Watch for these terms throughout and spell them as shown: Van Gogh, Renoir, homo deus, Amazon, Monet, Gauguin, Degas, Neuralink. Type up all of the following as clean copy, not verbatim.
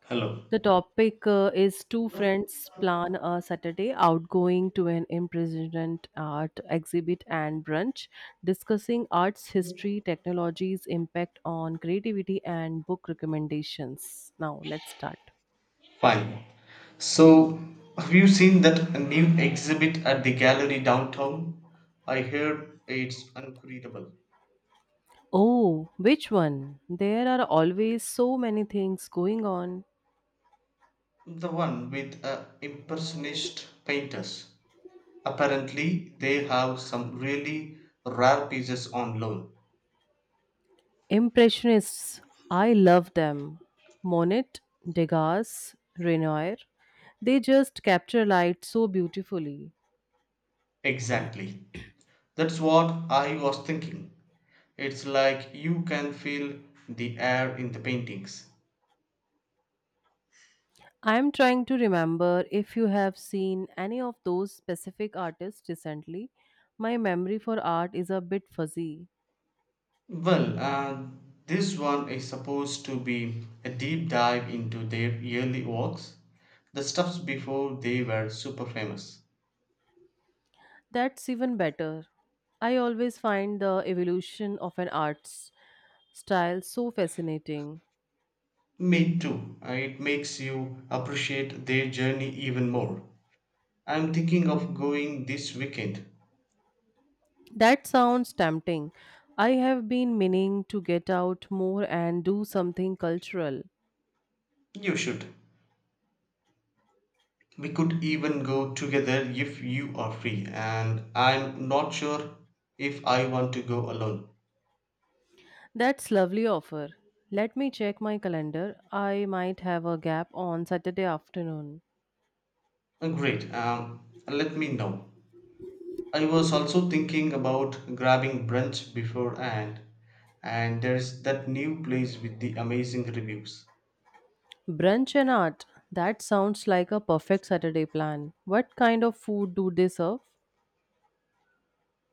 Hello. The topic is two friends plan a Saturday outgoing to an imprisonment art exhibit and brunch, discussing arts history, technology's impact on creativity, and book recommendations. Now, let's start. Fine. So, have you seen that new exhibit at the gallery downtown? I heard it's incredible. Oh, which one? There are always so many things going on. The one with impressionist painters. Apparently, they have some really rare pieces on loan. Impressionists, I love them. Monet, Degas, Renoir, they just capture light so beautifully. Exactly. That's what I was thinking. It's like you can feel the air in the paintings. I'm trying to remember if you have seen any of those specific artists recently. My memory for art is a bit fuzzy. Well, this one is supposed to be a deep dive into their early works, the stuffs before they were super famous. That's even better. I always find the evolution of an art's style so fascinating. Me too. It makes you appreciate their journey even more. I'm thinking of going this weekend. That sounds tempting. I have been meaning to get out more and do something cultural. You should. We could even go together if you are free, and I'm not sure if I want to go alone. That's lovely offer. Let me check my calendar. I might have a gap on Saturday afternoon. Great. Let me know. I was also thinking about grabbing brunch beforehand, and there's that new place with the amazing reviews. Brunch and art. That sounds like a perfect Saturday plan. What kind of food do they serve?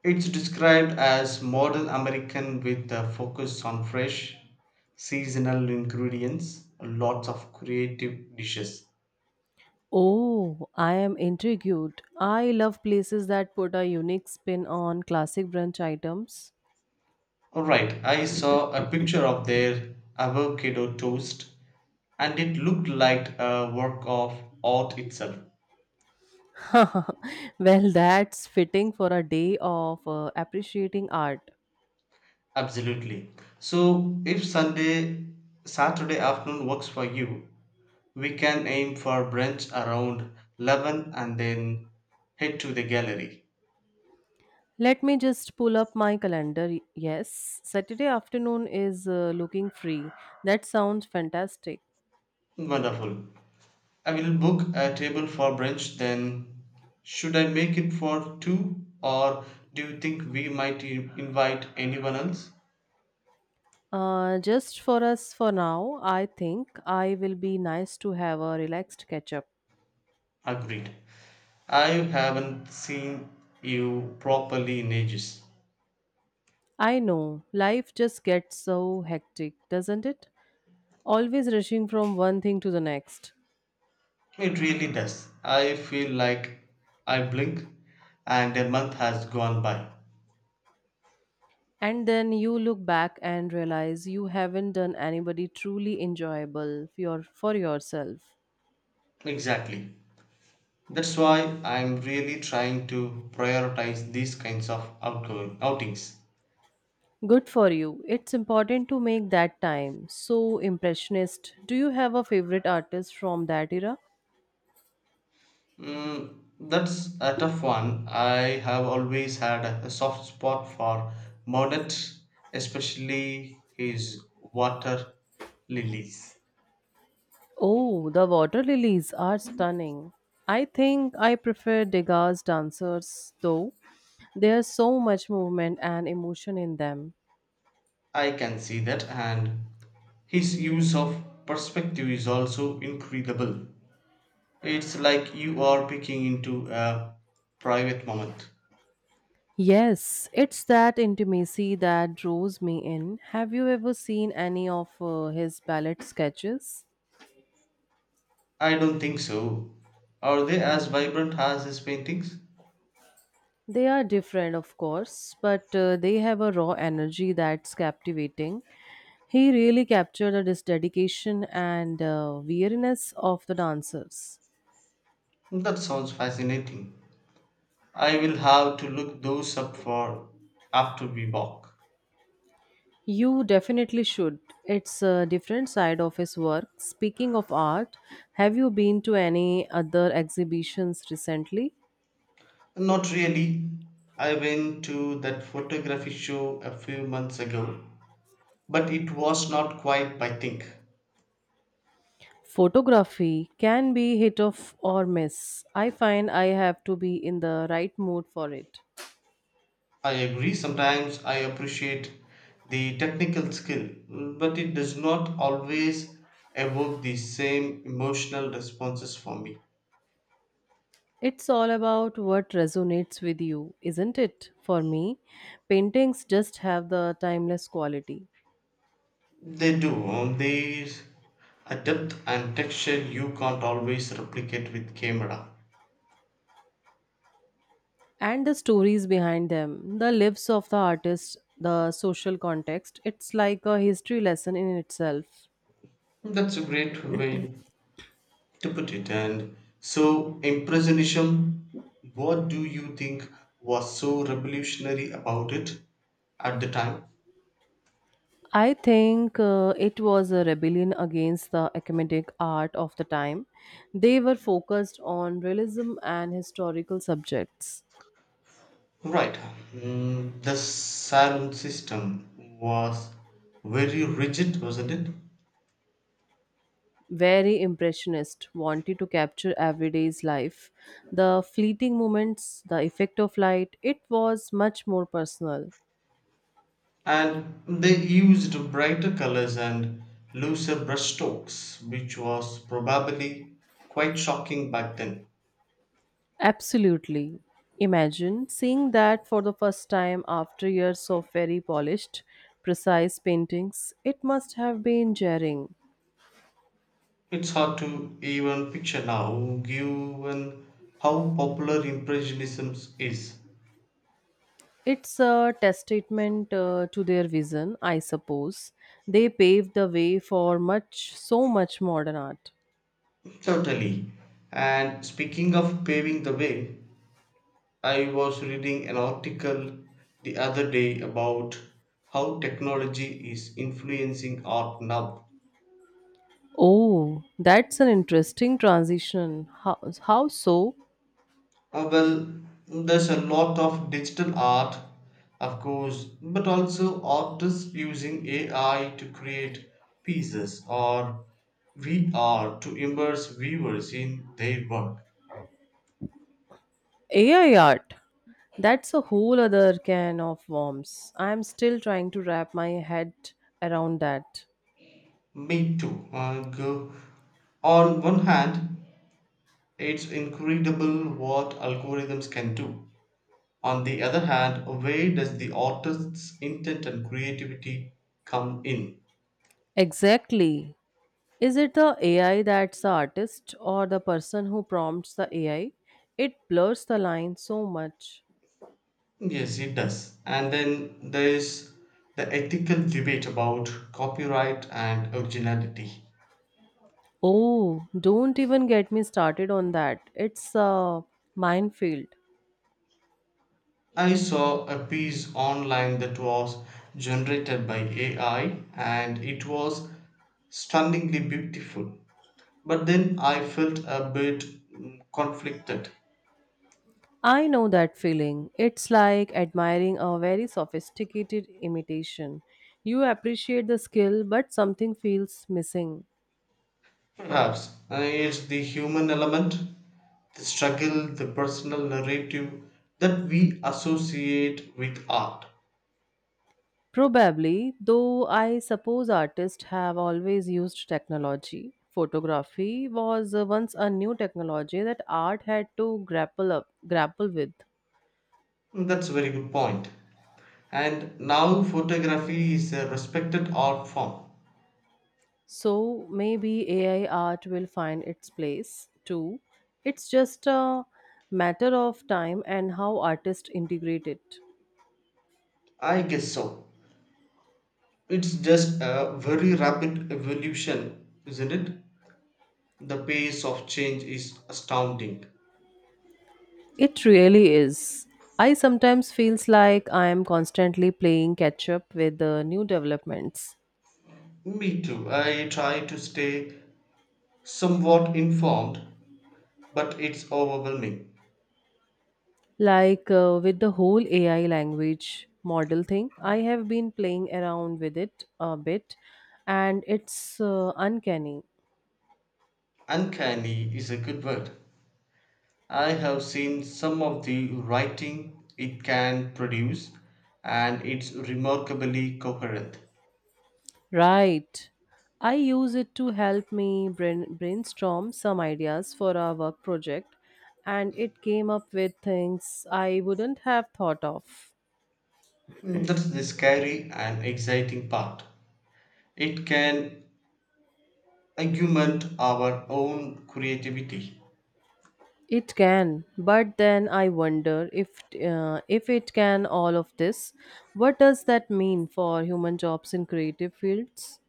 It's described as modern American with a focus on fresh, seasonal ingredients, lots of creative dishes. Oh, I am intrigued. I love places that put a unique spin on classic brunch items. Alright, I saw a picture of their avocado toast and it looked like a work of art itself. Well, that's fitting for a day of appreciating art. Absolutely. So if Saturday afternoon works for you, we can aim for brunch around 11 and then head to the gallery. Let me just pull up my calendar. Yes, Saturday afternoon is looking free. That sounds fantastic. Wonderful. I will book a table for brunch then. Should I make it for two or do you think we might invite anyone else? Just for us for now, I think I will be nice to have a relaxed catch up. Agreed. I haven't seen you properly in ages. I know, life just gets so hectic, doesn't it? Always rushing from one thing to the next. It really does. I feel like I blink and a month has gone by. And then you look back and realize you haven't done anybody truly enjoyable for yourself. Exactly. That's why I'm really trying to prioritize these kinds of outgoing outings. Good for you. It's important to make that time. So impressionist. Do you have a favorite artist from that era? Mm, that's a tough one. I have always had a soft spot for Monet, especially his water lilies. Oh, the water lilies are stunning. I think I prefer Degas' dancers though. There's so much movement and emotion in them. I can see that, and his use of perspective is also incredible. It's like you are peeking into a private moment. Yes, it's that intimacy that draws me in. Have you ever seen any of his ballet sketches? I don't think so. Are they as vibrant as his paintings? They are different, of course, but they have a raw energy that's captivating. He really captured the dedication and weariness of the dancers. That sounds fascinating. I will have to look those up for after we walk. You definitely should. It's a different side of his work. Speaking of art, have you been to any other exhibitions recently? Not really. I went to that photography show a few months ago, but it was not quite my thing. Photography can be hit off or miss. I find I have to be in the right mood for it. I agree, sometimes I appreciate the technical skill, but it does not always evoke the same emotional responses for me. It's all about what resonates with you, isn't it? For me, paintings just have the timeless quality, They do, there is a depth and texture you can't always replicate with camera. and the stories behind them, the lives of the artists, the social context. It's like a history lesson in itself. That's a great way to put it. And so, Impressionism, what do you think was so revolutionary about it at the time? I think it was a rebellion against the academic art of the time. They were focused on realism and historical subjects. Right. The saloon system was very rigid, wasn't it? Very impressionist, wanted to capture everyday's life, the fleeting moments, the effect of light. It was much more personal. And they used brighter colors and looser brushstrokes, which was probably quite shocking back then. Absolutely. Imagine seeing that for the first time after years of very polished, precise paintings. It must have been jarring. It's hard to even picture now, given how popular Impressionism is. It's a testament to their vision, I suppose. They paved the way for so much modern art. Certainly. And speaking of paving the way, I was reading an article the other day about how technology is influencing art now. Oh, that's an interesting transition. How so? Well, there's a lot of digital art, of course, but also artists using AI to create pieces or VR to immerse viewers in their work. AI art. That's a whole other can of worms. I'm still trying to wrap my head around that. Me too. Go. On one hand, it's incredible what algorithms can do. On the other hand, where does the artist's intent and creativity come in? Exactly. Is it the AI that's the artist or the person who prompts the AI? It blurs the line so much. Yes, it does. And then there is the ethical debate about copyright and originality. Oh, don't even get me started on that. It's a minefield. I saw a piece online that was generated by AI and it was stunningly beautiful. But then I felt a bit conflicted. I know that feeling. It's like admiring a very sophisticated imitation. You appreciate the skill, but something feels missing. Perhaps it's the human element, the struggle, the personal narrative that we associate with art. Probably, though I suppose artists have always used technology. Photography was once a new technology that art had to grapple with. That's a very good point. And now photography is a respected art form. So maybe AI art will find its place too. It's just a matter of time and how artists integrate it. I guess so. It's just a very rapid evolution, isn't it? The pace of change is astounding. It really is. I sometimes feels like I am constantly playing catch up with the new developments. Me too. I try to stay somewhat informed, but it's overwhelming. Like with the whole AI language model thing, I have been playing around with it a bit and it's uncanny. Uncanny is a good word. I have seen some of the writing it can produce, and it's remarkably coherent. Right. I use it to help me brainstorm some ideas for our work project and it came up with things I wouldn't have thought of. That's the scary and exciting part. It can augment our own creativity. It can, but then I wonder if it can all of this, what does that mean for human jobs in creative fields?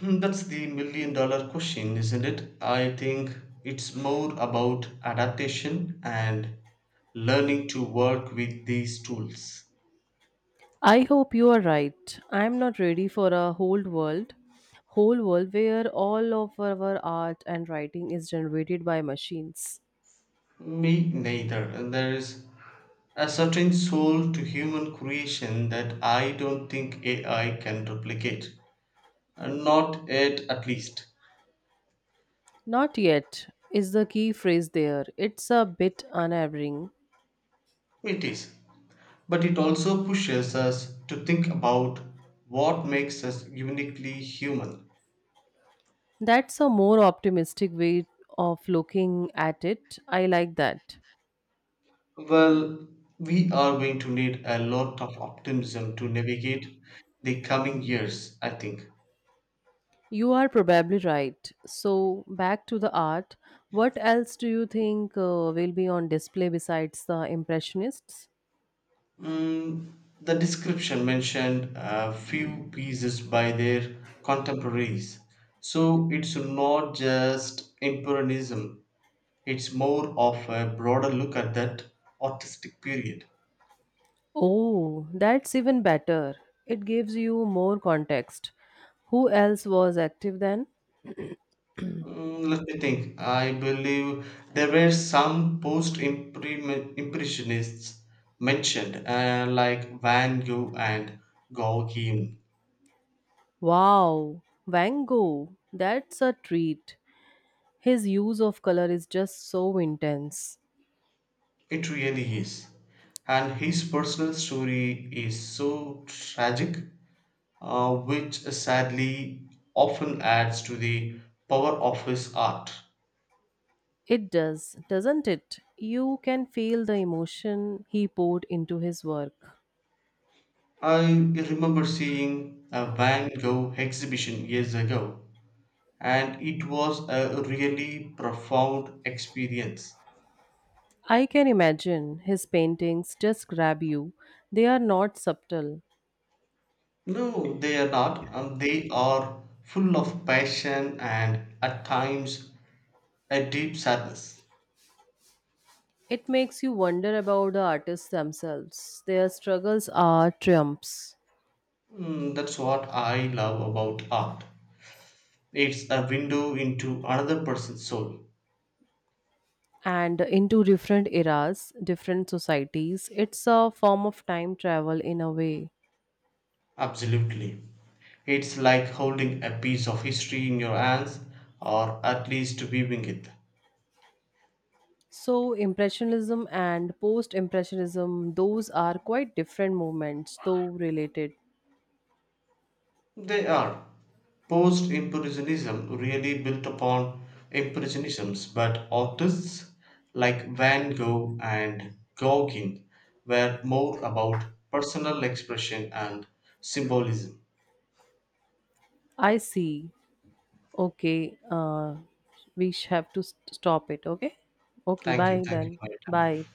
That's the million dollar question, isn't it? I think it's more about adaptation and learning to work with these tools. I hope you are right. I am not ready for a whole world where all of our art and writing is generated by machines. Me neither. There's a certain soul to human creation that I don't think AI can replicate. Not yet, at least. Not yet is the key phrase there. It's a bit unnerving. It is. But it also pushes us to think about what makes us uniquely human. That's a more optimistic way of looking at it. I like that. Well, we are going to need a lot of optimism to navigate the coming years, I think. You are probably right. So, back to the art. What else do you think will be on display besides the Impressionists? Mm, the description mentioned a few pieces by their contemporaries. So it's not just Impressionism, it's more of a broader look at that artistic period. Oh, that's even better. It gives you more context. Who else was active then? Let me think. I believe there were some post impressionists mentioned, like Van Gogh and Gauguin. Wow, Van Gogh. That's a treat. His use of color is just so intense. It really is. And his personal story is so tragic, which sadly often adds to the power of his art. It does, doesn't it? You can feel the emotion he poured into his work. I remember seeing a Van Gogh exhibition years ago, and it was a really profound experience. I can imagine his paintings just grab you. They are not subtle. No, they are not. They are full of passion and at times a deep sadness. It makes you wonder about the artists themselves. Their struggles are triumphs, That's what I love about art. It's a window into another person's soul. and into different eras, different societies. It's a form of time travel in a way. Absolutely. It's like holding a piece of history in your hands, or at least viewing it. So, Impressionism and Post Impressionism, those are quite different movements, though related. They are. Post Impressionism really built upon Impressionisms, but artists like Van Gogh and Gauguin were more about personal expression and symbolism. I see. Okay, we have to stop it. Okay? Okay, Thank you. bye Thank you then. for your time. Bye.